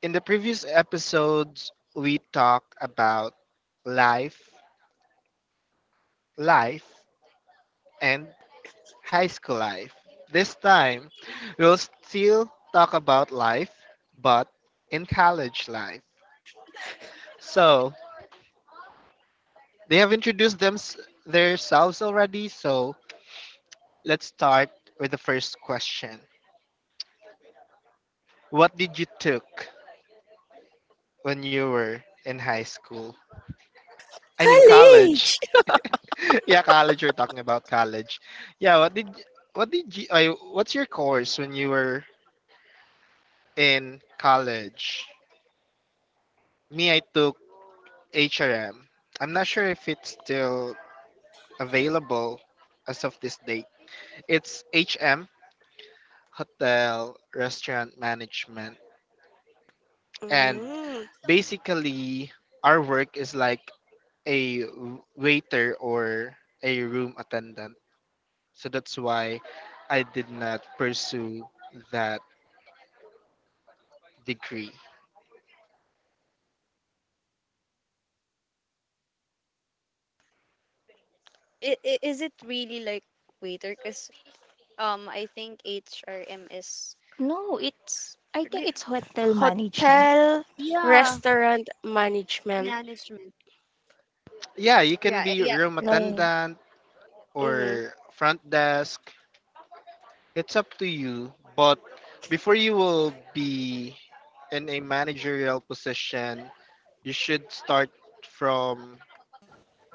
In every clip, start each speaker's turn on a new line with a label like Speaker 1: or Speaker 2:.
Speaker 1: In the previous episodes, we talked about life, life and high school life. This time, we'll still talk about life, but in college life. So, they have introduced themselves already, so let's start with the first question. What did you took when you were in high school? I mean college.
Speaker 2: College!
Speaker 1: Yeah, college. You're talking about college. Yeah. What did you? I, what's your course when you were in college? Me, I took H R, am not sure if it's still available as of this date. It's HM, Hotel Restaurant Management, and
Speaker 2: Mm.
Speaker 1: basically our work is like a waiter or a room attendant. So that's why I did not pursue that degree.
Speaker 3: It is it really like waiter? Because I think HRM is
Speaker 4: No, it's I think
Speaker 3: d-
Speaker 4: it's hotel management,
Speaker 2: Hotel
Speaker 3: yeah
Speaker 2: restaurant management.
Speaker 3: management.
Speaker 1: Yeah, you can
Speaker 3: Yeah,
Speaker 1: be
Speaker 3: yeah.
Speaker 1: room
Speaker 4: like
Speaker 1: attendant
Speaker 2: Mm-hmm.
Speaker 1: or front desk. It's up to you. But before you will be in a managerial position, you should start from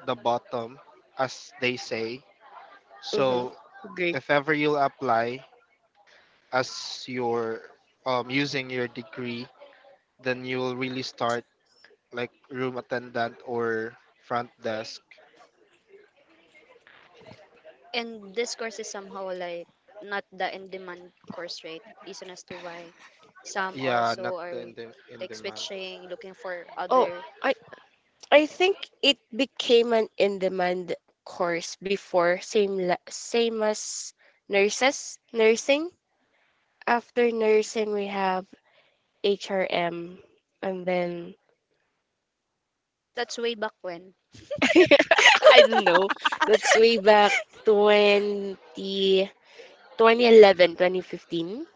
Speaker 1: the bottom, as they say. So
Speaker 2: Mm-hmm. Great.
Speaker 1: if ever you'll apply as your using your degree, then you will really start like room attendant or front desk.
Speaker 3: And this course is somehow like not the in-demand course, right? Reason as to why some
Speaker 1: Yeah,
Speaker 3: also
Speaker 1: not
Speaker 3: are
Speaker 1: the in the in
Speaker 3: like
Speaker 1: the man.
Speaker 3: switching, looking for
Speaker 2: Oh,
Speaker 3: other.
Speaker 2: I I think it became an in-demand course before, same as nurses, nursing. After nursing, we have HRM, and then
Speaker 3: That's way back when.
Speaker 2: I don't know. That's way back 20 2011, 2015,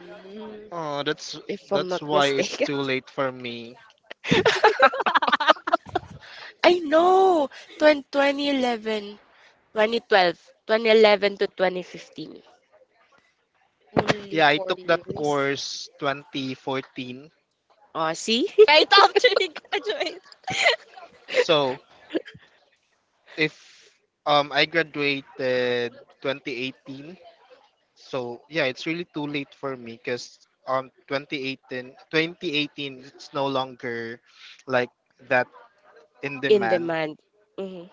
Speaker 3: Mm,
Speaker 1: Oh,
Speaker 2: if I'm not
Speaker 1: that's why it's
Speaker 2: mistaken.
Speaker 1: too late for me.
Speaker 2: I know. 20, 2011, to 2015.
Speaker 3: only
Speaker 1: Yeah, I
Speaker 3: four
Speaker 1: took that
Speaker 3: years.
Speaker 1: course 2014.
Speaker 2: Oh, see?
Speaker 3: Right after you graduate.
Speaker 1: So if I graduated 2018, so yeah, it's really too late for me because 2018 it's no longer like that in
Speaker 2: In
Speaker 1: demand.
Speaker 2: demand. Mm-hmm.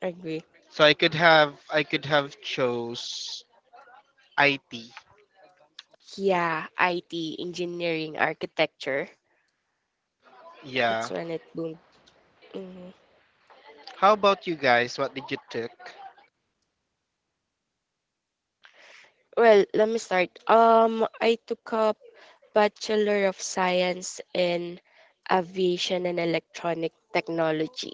Speaker 2: Agree.
Speaker 1: So I could have chose IT.
Speaker 2: Yeah, IT, engineering, architecture. That's
Speaker 1: Yeah.
Speaker 2: when it boomed. Hmm
Speaker 1: How about you guys? What did you took?
Speaker 2: Well, let me start. I took up Bachelor of Science in Aviation and Electronic Technology.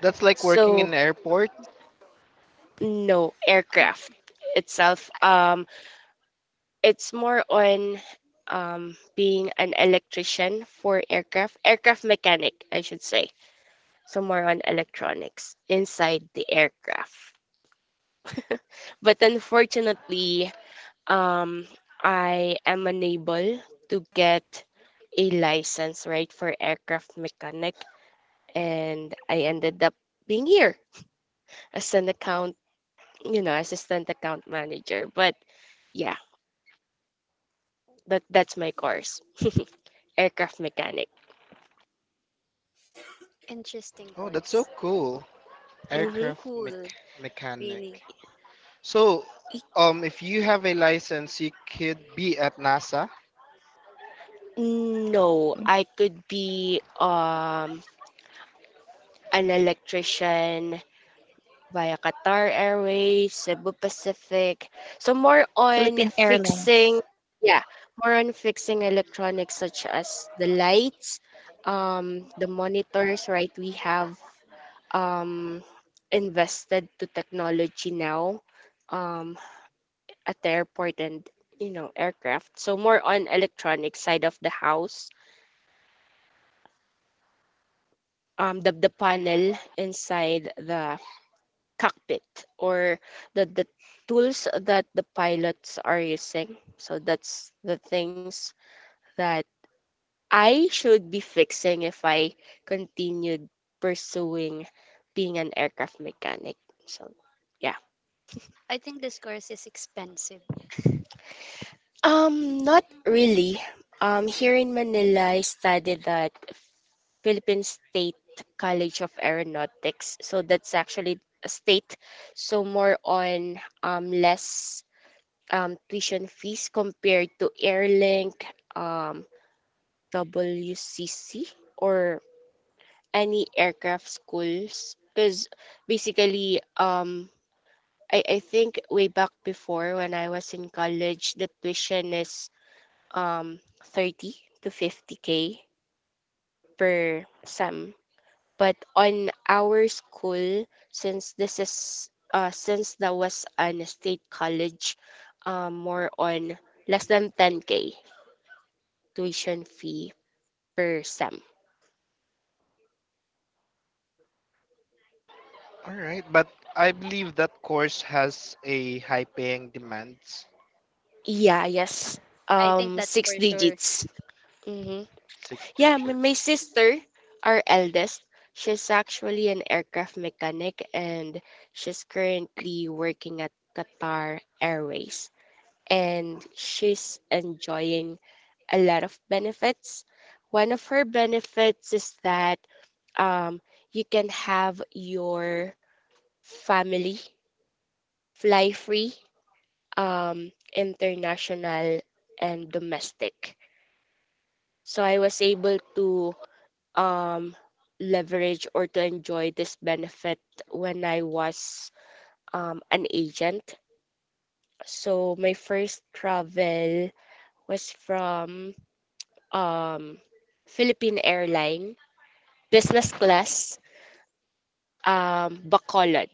Speaker 1: That's like working
Speaker 2: So,
Speaker 1: in airport.
Speaker 2: no, aircraft itself.
Speaker 3: Ah, it's
Speaker 2: It's more on being an electrician for aircraft, aircraft mechanic, I should say. So more on electronics inside the aircraft. But unfortunately, um, I am unable to get a license, right, for aircraft mechanic, and I ended up being here as an account, you know, assistant account manager. But yeah, that's my course, aircraft mechanic.
Speaker 3: interesting
Speaker 1: Oh, that's so
Speaker 3: course.
Speaker 1: cool.
Speaker 3: Yeah,
Speaker 2: Mm-hmm.
Speaker 1: Aircraft mech-
Speaker 3: cool. Really.
Speaker 1: mechanic. So, if you have a license, you could be at NASA.
Speaker 2: No,
Speaker 4: mm,
Speaker 2: I could be an electrician via Qatar Airways, Cebu Pacific. So more on
Speaker 4: Philippine Airlines.
Speaker 2: fixing, yeah, more on fixing electronics such as the lights, the monitors, right? We have um invested to technology now, um, at the airport and you know, aircraft. So more on electronic side of the house. The the panel inside the cockpit or the tools that the pilots are using. So that's the things that I should be fixing if I continued pursuing being an aircraft mechanic. So yeah.
Speaker 3: I think this course is expensive.
Speaker 2: Not really. Here in Manila, I studied at Philippine State College of Aeronautics. So that's actually a state. So more on less tuition fees compared to Airlink, um WCC or any aircraft schools. Because basically, I think way back before when I was in college, the tuition is 30 to 50K per sem. But on our school, since this is since that was an state college, more on less than 10K tuition fee per sem.
Speaker 1: All right, but I believe that course has a high-paying demands.
Speaker 2: Yeah, yes.
Speaker 3: I think that's
Speaker 2: Six
Speaker 3: for sure.
Speaker 2: digits. Mm-hmm.
Speaker 1: Six
Speaker 2: Yeah, my
Speaker 1: digits.
Speaker 2: sister, our eldest, she's actually an aircraft mechanic and she's currently working at Qatar Airways, and she's enjoying a lot of benefits. One of her benefits is that um, you can have your family fly free, international, and domestic. So I was able to um, leverage or to enjoy this benefit when I was an agent. So my first travel was from um, Philippine airline, business class, Bacolod,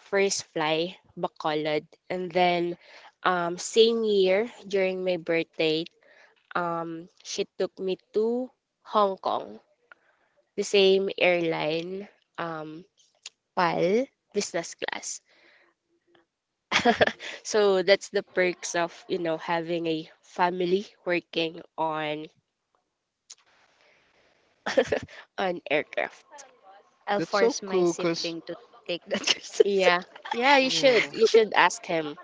Speaker 2: first fly, Bacolod. And then same year, during my birthday, she took me to Hong Kong, the same airline, um, PAL, business class. So that's the perks of, you know, having a family working on an aircraft.
Speaker 3: I'll
Speaker 1: That's so
Speaker 3: force my
Speaker 1: cool, cause
Speaker 3: sibling to take that courses.
Speaker 2: Yeah. Yeah, you
Speaker 1: yeah,
Speaker 2: should. You should ask him.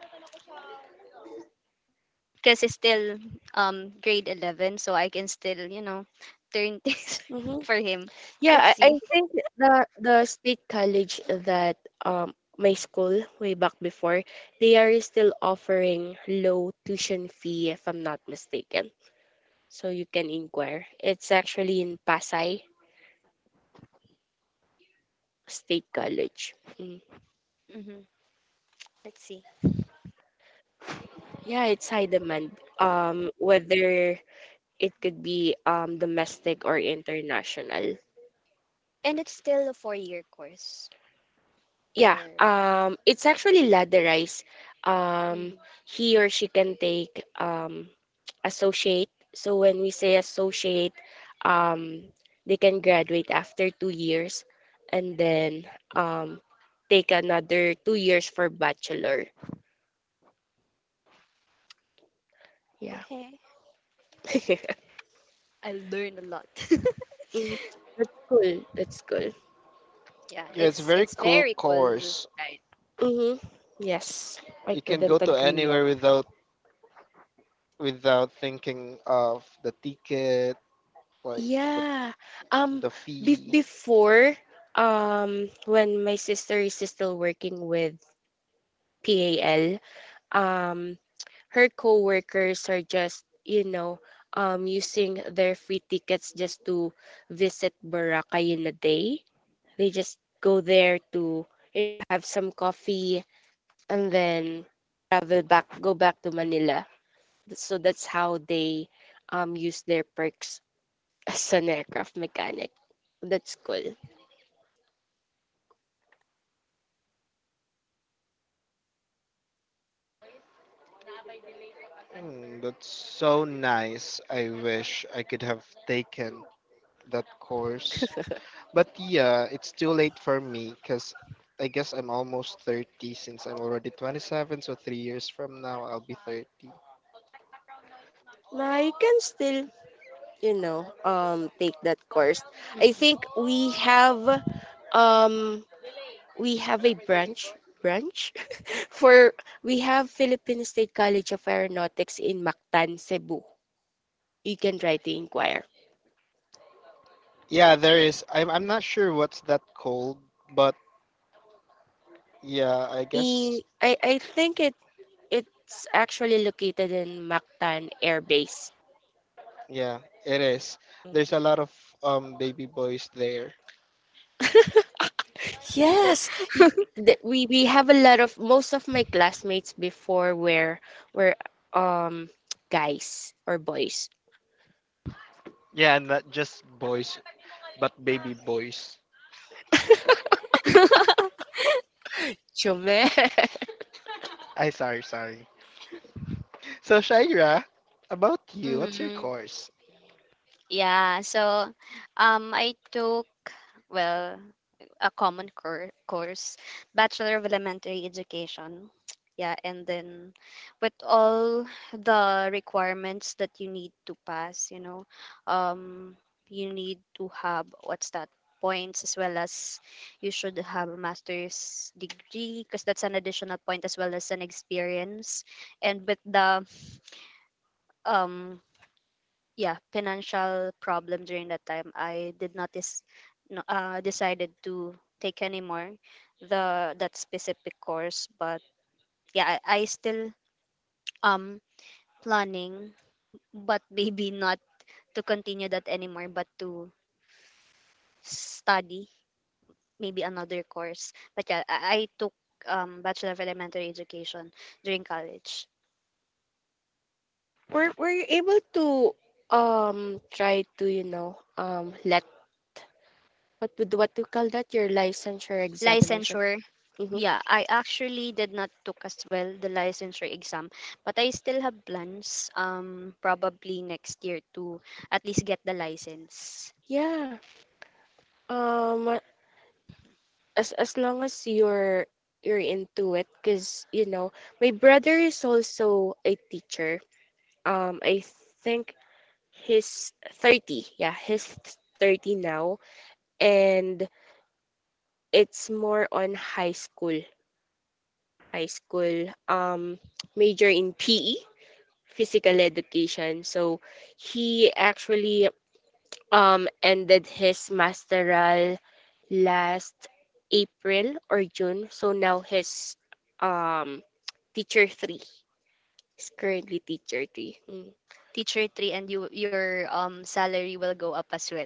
Speaker 3: Because it's still grade 11, so I can still, you know, turn things
Speaker 2: Hmm
Speaker 3: for him. Let's
Speaker 2: Yeah, I
Speaker 3: see.
Speaker 2: think the state college that my school way back before, they are still offering low tuition fee if I'm not mistaken. So you can inquire. It's actually in Pasay State College. Mm.
Speaker 3: hmm Let's see.
Speaker 2: Yeah, it's high demand. Whether it could be domestic or international.
Speaker 3: And it's still a 4-year course or.
Speaker 2: Yeah, it's actually ladderized. Um,
Speaker 3: Mhm.
Speaker 2: he or she can take associate. So when we say associate, um, they can graduate after 2 years and then um, take another 2 years for bachelor. Yeah.
Speaker 3: Okay. I'll learn a lot.
Speaker 2: Mm, that's cool. That's cool.
Speaker 3: Yeah,
Speaker 1: yeah, it's a
Speaker 3: it's
Speaker 1: very
Speaker 3: it's
Speaker 1: cool
Speaker 3: very cool,
Speaker 1: course.
Speaker 3: right?
Speaker 2: Mm-hmm. Yes, I
Speaker 1: You can go
Speaker 2: couldn't
Speaker 1: to
Speaker 2: agree more.
Speaker 1: anywhere without without thinking of the ticket, like the
Speaker 2: Yeah. Um
Speaker 1: the fee.
Speaker 2: before when my sister is still working with PAL, um her coworkers are just, you know, using their free tickets just to visit Boracay in a day. They just go there to have some coffee and then travel back go back to Manila. So that's how they use their perks as an aircraft mechanic. That's cool.
Speaker 1: Hmm, that's so nice. I wish I could have taken that course. But yeah, it's too late for me because I guess I'm almost 30 since I'm already 27. So 3 years from now, I'll be 30.
Speaker 2: I can still, you know, take that course. I think um, we have a branch for we have Philippine State College of Aeronautics in Mactan, Cebu. You can try to inquire.
Speaker 1: Yeah, there is. I'm not sure what's that called, but yeah, I guess,
Speaker 2: I think it's actually located in Mactan Air Base.
Speaker 1: yeah, it is. There's a
Speaker 2: Mm-hmm.
Speaker 1: lot of baby boys there.
Speaker 2: Yes, we have a lot of most of my classmates before were um guys or boys.
Speaker 1: Yeah, not just boys, but baby boys.
Speaker 2: Chume.
Speaker 1: I sorry, sorry. So Shaira, about you, what's your
Speaker 3: hmm
Speaker 1: course?
Speaker 3: Yeah, so I took, well, a common course, Bachelor of Elementary Education. Yeah, and then with all the requirements that you need to pass, um, you need to have what's that points as well as you should have a master's degree because that's an additional point as well as an experience. And with the um yeah financial problem during that time I did not decided to take anymore the that specific course, but yeah I still um planning, but maybe not to continue that anymore, but to study maybe another course. But yeah, I took bachelor of elementary education during college.
Speaker 2: Were you able to try to you know let what to call that your licensure examination?
Speaker 3: Licensure.
Speaker 2: Mm-hmm.
Speaker 3: Yeah, I actually did not took as well the licensure exam, but I still have plans probably next year to at least get the license.
Speaker 2: Yeah. Um. As long as you're into it, because you know my brother is also a teacher. I think he's 30. Yeah, he's 30 now and it's more on high school. High school major in PE, physical education. So he actually ended his masteral last April or June. So now his um teacher 3 is currently teacher 3. Mm.
Speaker 3: Teacher 3, and your salary will go up as well.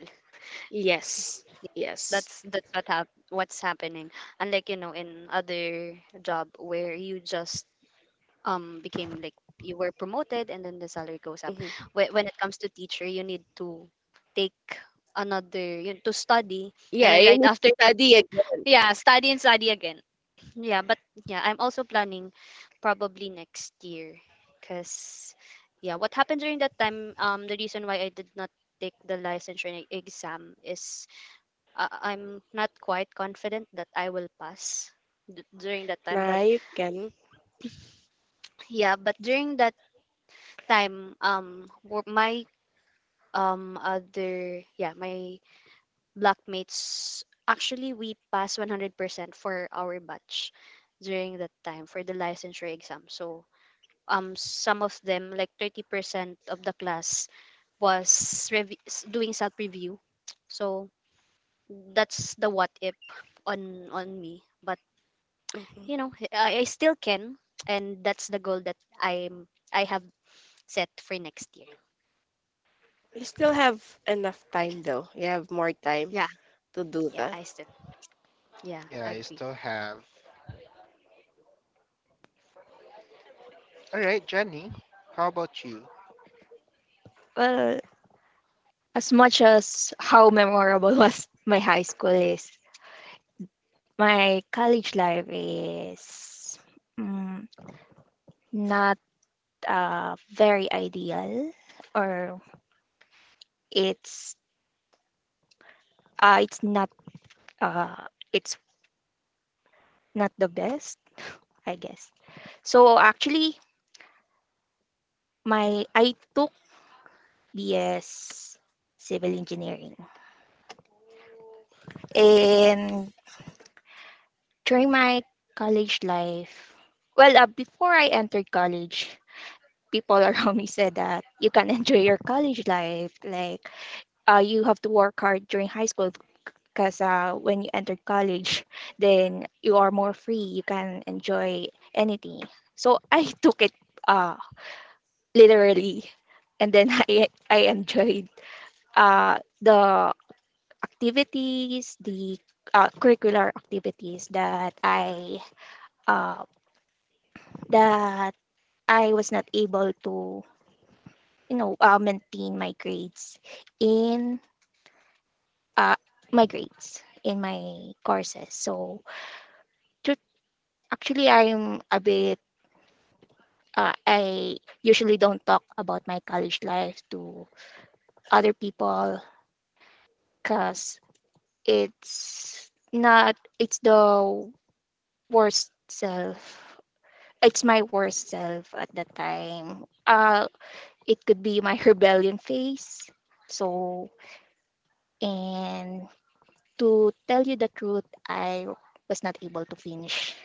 Speaker 2: Yes. Yes.
Speaker 3: That's what what's happening, unlike in other job where you just became like you were promoted and then the salary goes up.
Speaker 2: Mhm.
Speaker 3: When it comes to teacher, you need to take another, to study. And
Speaker 2: Yeah,
Speaker 3: then
Speaker 2: and
Speaker 3: right
Speaker 2: to
Speaker 3: after that,
Speaker 2: study again.
Speaker 3: yeah, study and study again. Yeah, but yeah, I'm also planning probably next year, because yeah, what happened during that time, the reason why I did not take the licensure exam is, I'm not quite confident that I will pass during that time. But
Speaker 2: Nah, you can.
Speaker 3: during that time, wo- my other yeah my blockmates, actually we passed 100% for our batch during that time for the licensure exam. So some of them, like 30% of the class, was doing self review. So that's the what if on me, but
Speaker 2: Hmm
Speaker 3: you know, I still can. And that's the goal that I have set for next year.
Speaker 2: You still have enough time though. You have more time
Speaker 3: Yeah,
Speaker 2: to do
Speaker 3: yeah,
Speaker 2: that.
Speaker 3: I still. Yeah,
Speaker 1: Yeah, you
Speaker 3: agree.
Speaker 1: still have. All right, Jenny, how about you?
Speaker 4: Well, as much as how memorable was my high school is, my college life is mm, not very ideal, or it's it's not uh, it's not the best, I guess. So actually, my I took BS Civil Engineering, and during my college life, well, before I entered college, people around me said that you can enjoy your college life. Like, you have to work hard during high school because when you entered college, then you are more free. You can enjoy anything. So I took it uh, literally, and then I enjoyed the activities, the curricular activities that uh, that I was not able to, you know, maintain my grades in uh, my grades in my courses. So tru- actually, I'm a bit. I usually don't talk about my college life to other people because it's not. It's the worst self. It's my worst self at that time. It could be my rebellion phase. So and to tell you the truth, I was not able to finish.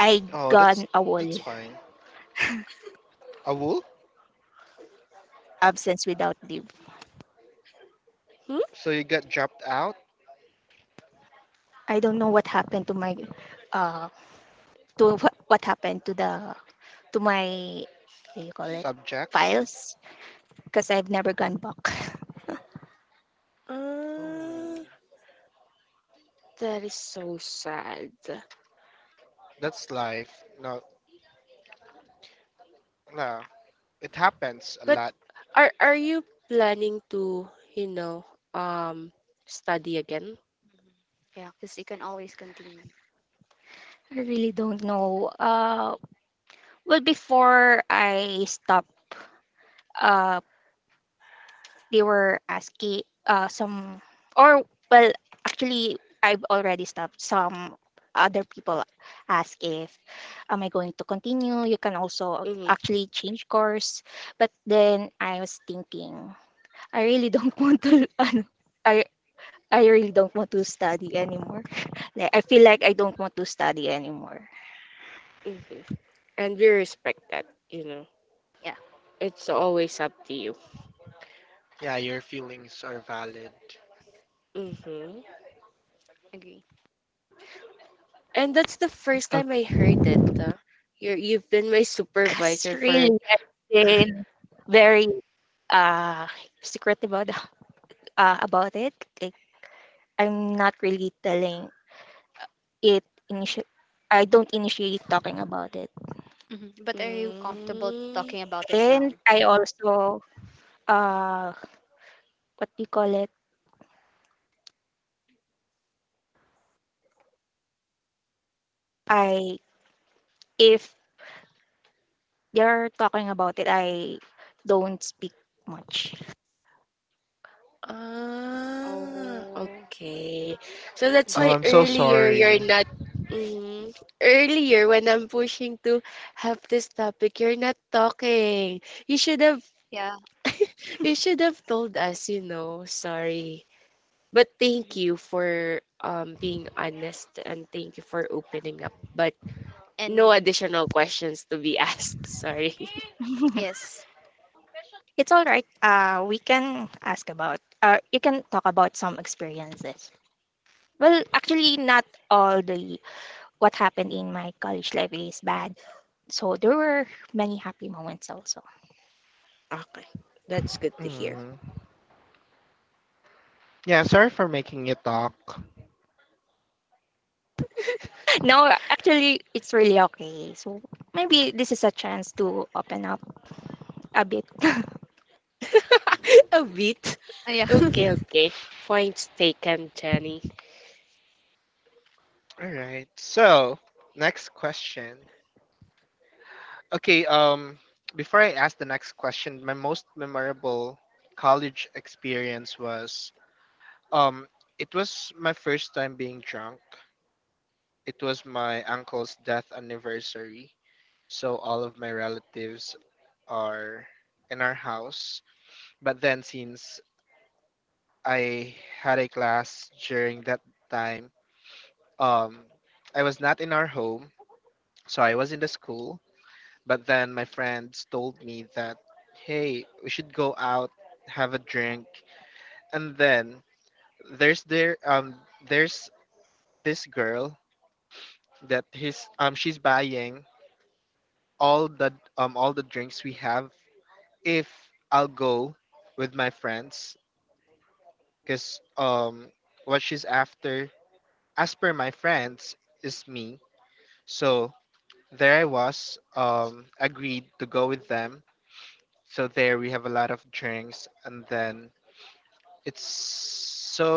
Speaker 4: I
Speaker 1: Oh,
Speaker 4: gone a
Speaker 1: that's
Speaker 4: whole
Speaker 1: fine. Awul,
Speaker 4: absence without leave.
Speaker 2: Hmm?
Speaker 1: so you got dropped out
Speaker 4: I don't know what happened to my uh to what happened to the to my, what do you call it,
Speaker 1: subjects.
Speaker 4: files because I've never gone back.
Speaker 1: Oh,
Speaker 2: Uh, that is so sad.
Speaker 1: that's life. No, no, it happens a
Speaker 2: But
Speaker 1: lot.
Speaker 2: are you planning to, you know, um, study again?
Speaker 3: Mhm. Yeah, because you can always continue.
Speaker 4: I really don't know. Well, before I stopped, uh they were asking, some or well actually I've already stopped, some other people ask if am I going to continue, you can also
Speaker 2: Mm-hmm,
Speaker 4: actually change course, but then I was thinking I really don't want to ano, I I really don't want to study anymore like I feel like I don't want to study anymore
Speaker 2: mm-hmm. And we respect that, you know.
Speaker 3: Yeah,
Speaker 2: It's always up to you.
Speaker 1: Yeah, your feelings are valid.
Speaker 2: Mm-hmm.
Speaker 3: agree.
Speaker 2: And that's the first time I
Speaker 1: Okay.
Speaker 2: heard that. You've been my
Speaker 4: because
Speaker 2: supervisor
Speaker 4: really
Speaker 2: for.
Speaker 4: I've been very uh secretive about it. I'm not really telling it, initi I don't initiate talking about it.
Speaker 3: But are you comfortable
Speaker 2: Mm,
Speaker 3: talking about it now?
Speaker 4: And I also uh what do you call it? I if they're talking about it, I don't speak much.
Speaker 2: ah,
Speaker 3: Oh,
Speaker 2: okay. So that's
Speaker 3: hmm
Speaker 1: Oh,
Speaker 2: why
Speaker 1: I'm so
Speaker 2: earlier you're
Speaker 1: sorry.
Speaker 2: not mm, earlier when I'm pushing to have this topic, you're not talking. You should have
Speaker 3: yeah.
Speaker 2: you should have told us, you know. Sorry. But thank you
Speaker 3: Mhm.
Speaker 2: for being honest and thank you for opening up. But no
Speaker 3: And
Speaker 2: additional questions to be asked. Sorry.
Speaker 3: yes.
Speaker 4: It's all right. We can ask about you can talk about some experiences. Well, actually not all the what happened in my college life is bad. So there were many happy moments also.
Speaker 2: Okay, that's good to hear.
Speaker 1: Mm. Yeah, sorry for making you talk.
Speaker 3: Mhm.
Speaker 4: No, actually, it's really okay. So maybe this is a chance to open up a bit.
Speaker 2: A bit.
Speaker 3: Ah, yeah.
Speaker 2: Okay, okay. Points taken, Jenny.
Speaker 1: All right. So, next question. Okay, before I ask the next question, my most memorable college experience was um, it was my first time being drunk. It was my uncle's death anniversary, so all of my relatives are in our house. But then, since I had a class during that time, um, I was not in our home, so I was in the school. But then my friends told me that, hey, we should go out, have a drink, and then there's there um there's this girl that his she's buying all the all the drinks we have if I'll go with my friends because what she's after, as per my friends, is me. So there I was, agreed to go with them. So there we have a lot of drinks, and then It's so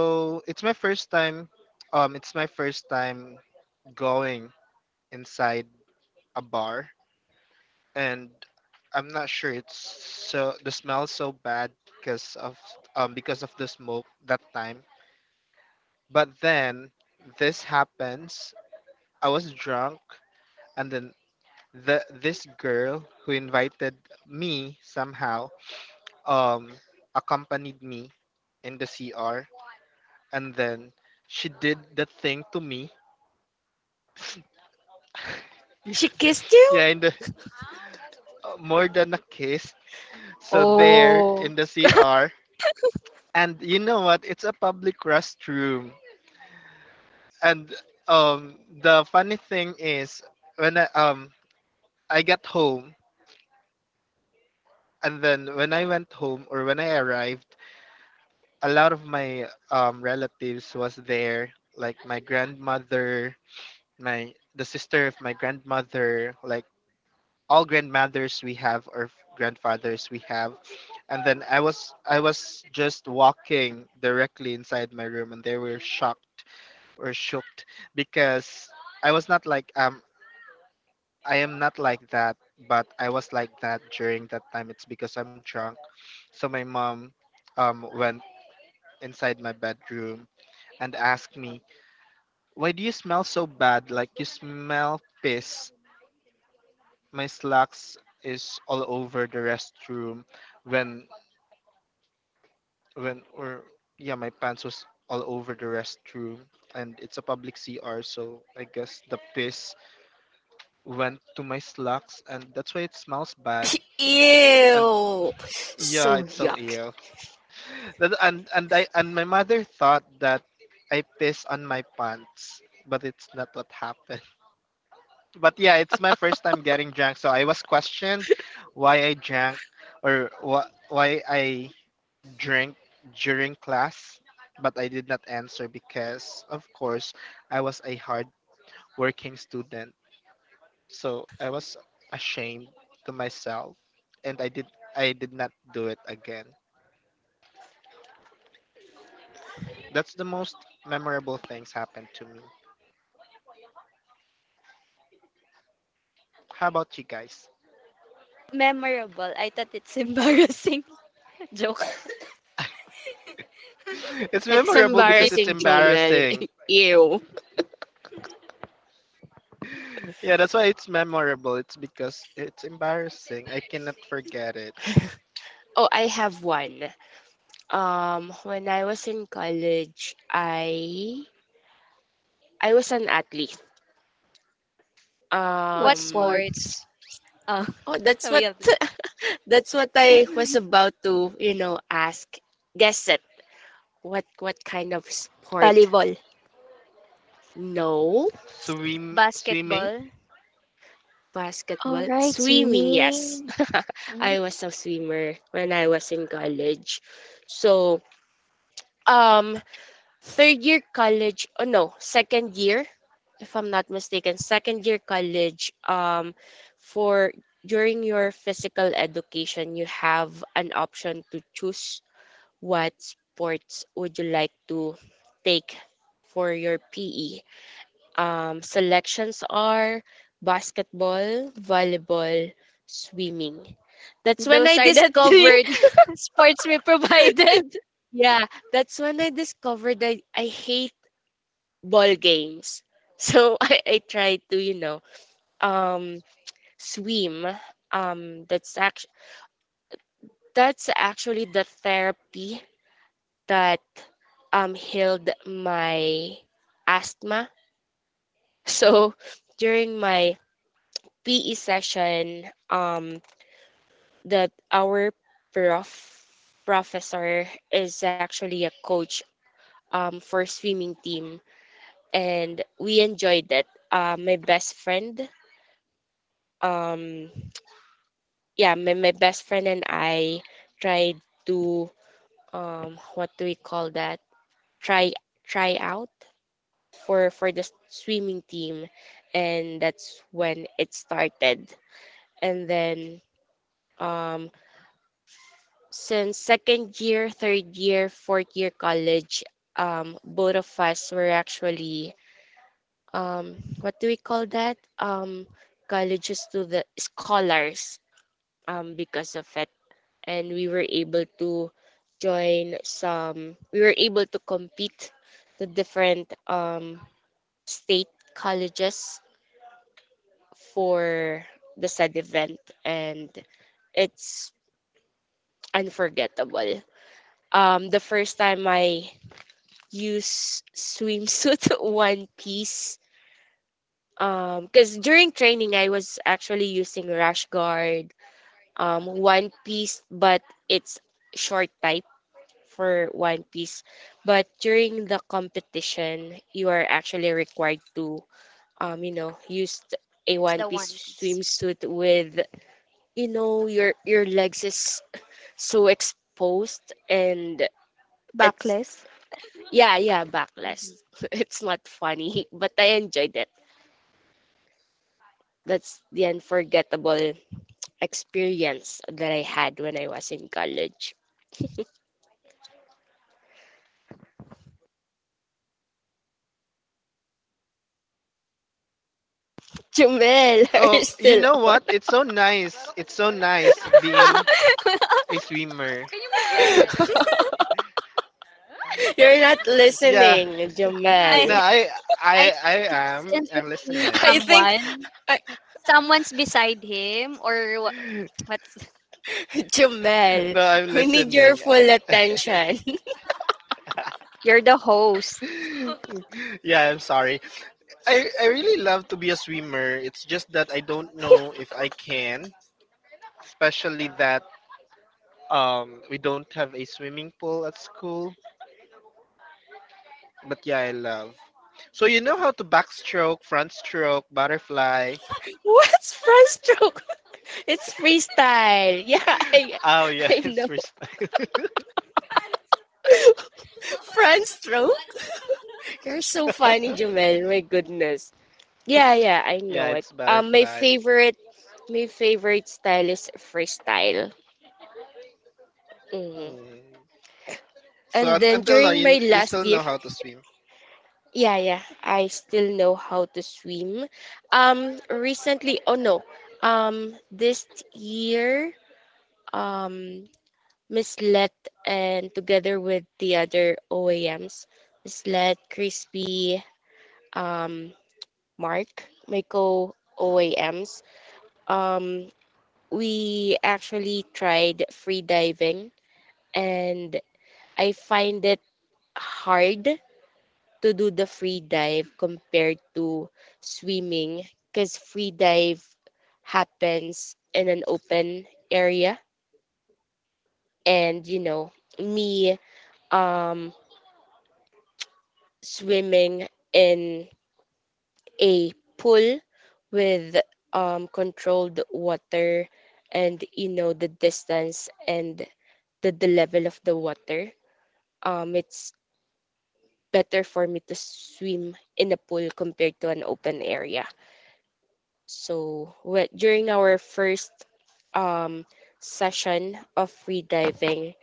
Speaker 1: it's my first time, it's my first time going inside a bar. And I'm not sure, it's so the smell's so bad because of because of the smoke that time. But then this happens. I was drunk, and then the this girl who invited me somehow um accompanied me in the CR, and then she did the thing to me. Yeah,
Speaker 2: She kissed you?
Speaker 1: yeah, in the more than a kiss. So there
Speaker 4: Oh,
Speaker 1: in the CR, and you know what? It's a public restroom, and the funny thing is when I got home, and then when I went home or when I arrived, a lot of my relatives was there, like my grandmother, my, the sister of my grandmother, like all grandmothers we have or grandfathers we have. And then I was just walking directly inside my room, and they were shocked or shocked because I was not like I am not like that, but I was like that during that time. It's because I'm drunk. So my mom went inside my bedroom and asked me, why do you smell so bad, like you smell piss. My slacks is all over the restroom when when or yeah, my pants was all over the restroom. And it's a public CR, so I guess the piss went to my slacks, and that's why it smells bad. And
Speaker 2: Ew.
Speaker 1: yeah,
Speaker 2: So
Speaker 1: it's so
Speaker 2: yuck.
Speaker 1: ill that, and I and my mother thought that I pissed on my pants, but it's not what happened. But yeah, it's my first time getting drunk, so I was questioned why I drank or why I drink during class, but I did not answer because, of course, I was a hard working student. So I was ashamed to myself, and I did not do it again. That's the most memorable things happened to me. How about you guys?
Speaker 3: Memorable. I thought it's embarrassing. Joke.
Speaker 1: It's
Speaker 2: It's
Speaker 1: memorable
Speaker 3: Thank you.
Speaker 1: because it's
Speaker 2: embarrassing, Jomel.
Speaker 1: embarrassing.
Speaker 2: Ew.
Speaker 1: Yeah, that's why it's memorable. It's because it's embarrassing. I cannot forget it.
Speaker 2: Oh, I have one. When I was in college, I was an athlete.
Speaker 4: what
Speaker 3: What
Speaker 2: Um,
Speaker 4: sports?
Speaker 3: sports? Oh,
Speaker 2: oh, that's
Speaker 3: we
Speaker 2: what
Speaker 3: have this.
Speaker 2: that's what I was about to, you know, ask. Guess it. What kind of sport?
Speaker 4: Volleyball,
Speaker 2: No.
Speaker 1: Swimming.
Speaker 3: Basketball.
Speaker 4: all
Speaker 2: Basketball?
Speaker 4: right,
Speaker 2: Swimming, yes.
Speaker 4: swimming.
Speaker 3: Mhm.
Speaker 2: I was a swimmer when I was in college. So, um, third year college, oh no, second year, if I'm not mistaken, second year college, for during your physical education, you have an option to choose what sports would you like to take for your PE. Selections are basketball, volleyball, swimming. That's when
Speaker 3: Those
Speaker 2: I
Speaker 3: are the three
Speaker 2: discovered,
Speaker 3: sports we provided.
Speaker 2: yeah, that's when I discovered that I hate ball games. So I tried to, you know, um, swim. Um, that's act that's actually the therapy that healed my asthma. So during my PE session, that our prof- professor is actually a coach for swimming team, and we enjoyed that. My best friend, um, yeah, my best friend and I tried to what do we call that? Try try out for the swimming team, and that's when it started. And then um, since second year, third year, fourth year college, both of us were actually um, what do we call that? Colleges to the scholars because of it, and we were able to join some. We were able to compete to different state colleges for the said event, and it's unforgettable the first time I use swimsuit one piece. Because during training, I was actually using rash guard, one piece, but it's short type for one piece. But during the competition, you are actually required to, you know, use a
Speaker 3: It's
Speaker 2: one
Speaker 3: the One
Speaker 2: piece
Speaker 3: Piece.
Speaker 2: swimsuit with, you know, your legs is so exposed and it's
Speaker 4: Backless.
Speaker 2: yeah yeah backless.
Speaker 3: Mhm.
Speaker 2: It's not funny, but I enjoyed it. That's the unforgettable experience that I had when I was in college. Jumel, are
Speaker 1: Oh,
Speaker 2: you
Speaker 1: you
Speaker 2: still
Speaker 1: know
Speaker 2: on?
Speaker 1: what? It's so nice. It's so nice being a swimmer. Can you move your head a little bit?
Speaker 2: You're not
Speaker 1: Yeah.
Speaker 2: listening,
Speaker 3: I
Speaker 1: No,
Speaker 2: Jumel.
Speaker 1: I
Speaker 3: I
Speaker 1: I I
Speaker 3: think it's
Speaker 1: am. I'm
Speaker 3: entertaining
Speaker 1: listening.
Speaker 2: I think,
Speaker 3: someone.
Speaker 2: I,
Speaker 3: Someone's beside him or what's
Speaker 2: Jumel,
Speaker 1: No, I'm
Speaker 2: we need your
Speaker 1: listening.
Speaker 2: full attention.
Speaker 4: You're the host.
Speaker 1: Yeah, I'm sorry. I really love to be a swimmer. It's just that I don't know if I can, especially that we don't have a swimming pool at school. But yeah, I love. So you know how to backstroke, front stroke, butterfly.
Speaker 2: What's front stroke? It's freestyle. Yeah, I,
Speaker 1: Oh yeah,
Speaker 2: I know.
Speaker 1: it's wrist.
Speaker 2: Front stroke? You're so funny, Jumel. My goodness. Yeah, yeah, I
Speaker 1: Yeah,
Speaker 2: know it.
Speaker 1: it's
Speaker 2: Um, my
Speaker 1: butterfly.
Speaker 2: favorite, my favorite style is freestyle. Mhm.
Speaker 1: Mm. So
Speaker 2: And then
Speaker 1: until now,
Speaker 2: during my
Speaker 1: you
Speaker 2: last
Speaker 1: still
Speaker 2: year,
Speaker 1: know how to swim.
Speaker 2: yeah, yeah, I still know how to swim. Recently, oh no, this year, um, Miss Let and together with the other OAMs, Miss Let, Crispy, um, Mark, my co OAMs, um, we actually tried free diving and I find it hard to do the free dive compared to swimming because free dive happens in an open area and you know me um swimming in a pool with controlled water and you know the distance and the level of the water it's better for me to swim in a pool compared to an open area. So well, during our first um, session of free diving,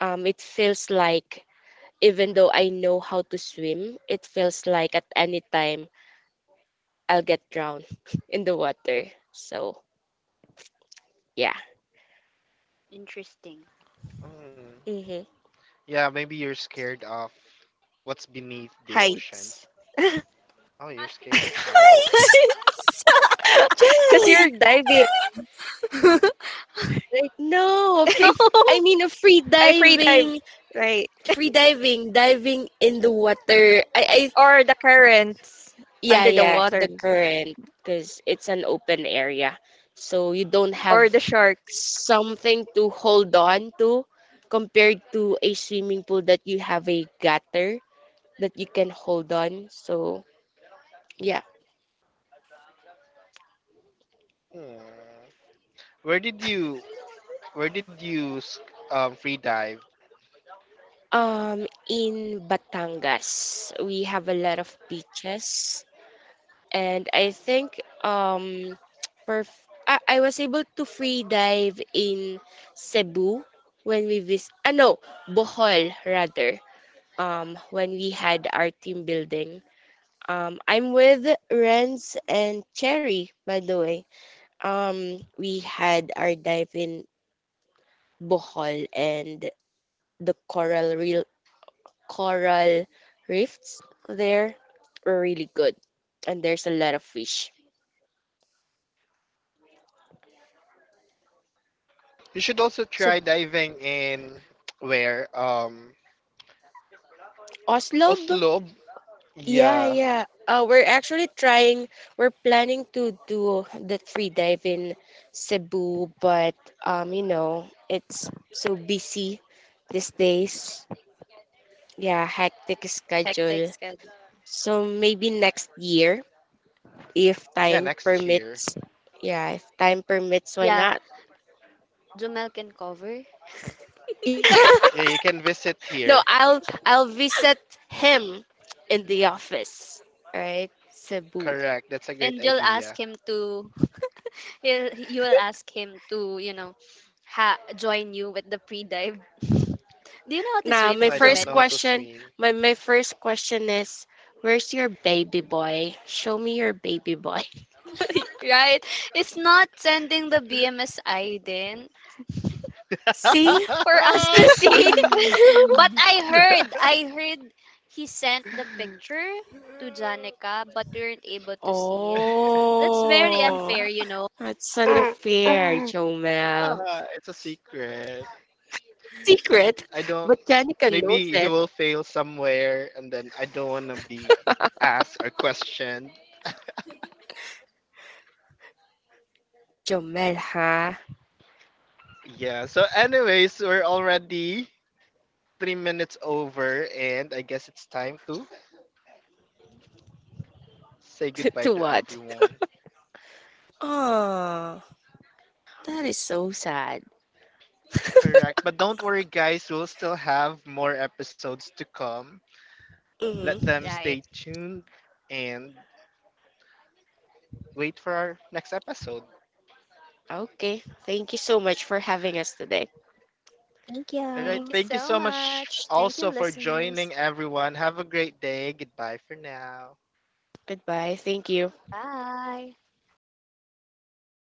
Speaker 2: it feels like even though I know how to swim, it feels like at any time I'll get drowned in the water. So yeah.
Speaker 3: Interesting.
Speaker 1: Mm.
Speaker 2: hmm
Speaker 1: Yeah, maybe you're scared of what's beneath the ocean.
Speaker 4: Heights.
Speaker 1: Oh, you're scared of heights.
Speaker 2: Heights!
Speaker 3: It's
Speaker 4: Because you're
Speaker 2: Jen!
Speaker 4: diving.
Speaker 3: so
Speaker 4: Like,
Speaker 2: No, free. I mean, a
Speaker 4: I free dive, right?
Speaker 2: free diving, diving in the water. I
Speaker 4: Or the currents
Speaker 2: Yeah,
Speaker 4: under the
Speaker 2: yeah,
Speaker 4: water.
Speaker 2: the current, because it's an open area. So you don't have
Speaker 4: Or the sharks.
Speaker 2: something to hold on to compared to a swimming pool that you have a gutter that you can hold on. So, yeah.
Speaker 1: Mm. Where did you Where did you free dive?
Speaker 2: In Batangas, we have a lot of beaches, and I think I was able to free dive in Cebu when we visit. Ah, no, Bohol rather. When we had our team building. I'm with Renz and Cherry, by the way. We had our dive in Bohol and the coral rifts there were really good, and there's a lot of fish.
Speaker 1: You should also
Speaker 2: So
Speaker 1: try diving in where
Speaker 2: Oslob.
Speaker 1: Oslo.
Speaker 2: Yeah,
Speaker 1: Yeah.
Speaker 2: yeah. We're planning to do the free dive in Cebu, but you know, it's so busy these days. Yeah, hectic
Speaker 3: Hectic
Speaker 2: schedule.
Speaker 3: schedule.
Speaker 2: So maybe next year, if
Speaker 1: Yeah,
Speaker 2: time
Speaker 1: next year.
Speaker 2: permits. Yeah, if time permits, why
Speaker 3: Yeah,
Speaker 2: not?
Speaker 3: Jumel can cover.
Speaker 1: Yeah, you can visit
Speaker 2: No,
Speaker 1: here.
Speaker 2: I'll visit him in the office. All right, Cebu.
Speaker 1: Correct. That's a great
Speaker 3: And
Speaker 1: idea.
Speaker 3: you will ask him to, join you with the pre-dive. Do you know how to
Speaker 2: Now, my
Speaker 1: No,
Speaker 3: swim,
Speaker 1: I don't
Speaker 2: first
Speaker 3: Jomel?
Speaker 1: know how to
Speaker 2: question,
Speaker 1: swim.
Speaker 2: my first question is, where's your baby boy? Show me your baby boy.
Speaker 3: Right? It's not sending the BMSI then
Speaker 2: See?
Speaker 3: for us to
Speaker 1: Ah,
Speaker 3: see. But I heard, I heard he sent the picture to Janica, but we weren't able to see it. That's very
Speaker 2: Oh,
Speaker 3: unfair, you know,
Speaker 2: that's unfair, Jomel.
Speaker 1: it's a secret.
Speaker 2: Secret,
Speaker 1: I don't.
Speaker 2: but Janica knows
Speaker 1: Maybe he
Speaker 2: it.
Speaker 1: will fail somewhere, and then I don't want to be asked or questioned.
Speaker 2: Jomel, huh?
Speaker 1: Yeah. So, anyways, we're already 3 minutes over, and I guess it's time to say goodbye
Speaker 2: To
Speaker 1: to
Speaker 2: what?
Speaker 1: everyone.
Speaker 2: Oh, that is so sad.
Speaker 1: Correct. But don't worry, guys, we'll still have more episodes to come. Let
Speaker 2: Hmm
Speaker 1: them
Speaker 3: right?
Speaker 1: stay tuned and wait for our next episode.
Speaker 2: Okay, thank you so much for having us today.
Speaker 1: All
Speaker 4: Thank
Speaker 1: right. Thank
Speaker 3: Thank
Speaker 1: you
Speaker 3: you
Speaker 4: you.
Speaker 1: so
Speaker 3: so
Speaker 1: much
Speaker 3: much.
Speaker 1: also
Speaker 3: Thank
Speaker 1: for
Speaker 3: you,
Speaker 1: joining,
Speaker 3: listeners.
Speaker 1: everyone. Have a great day. Goodbye for now.
Speaker 2: Goodbye, thank you.
Speaker 3: Bye.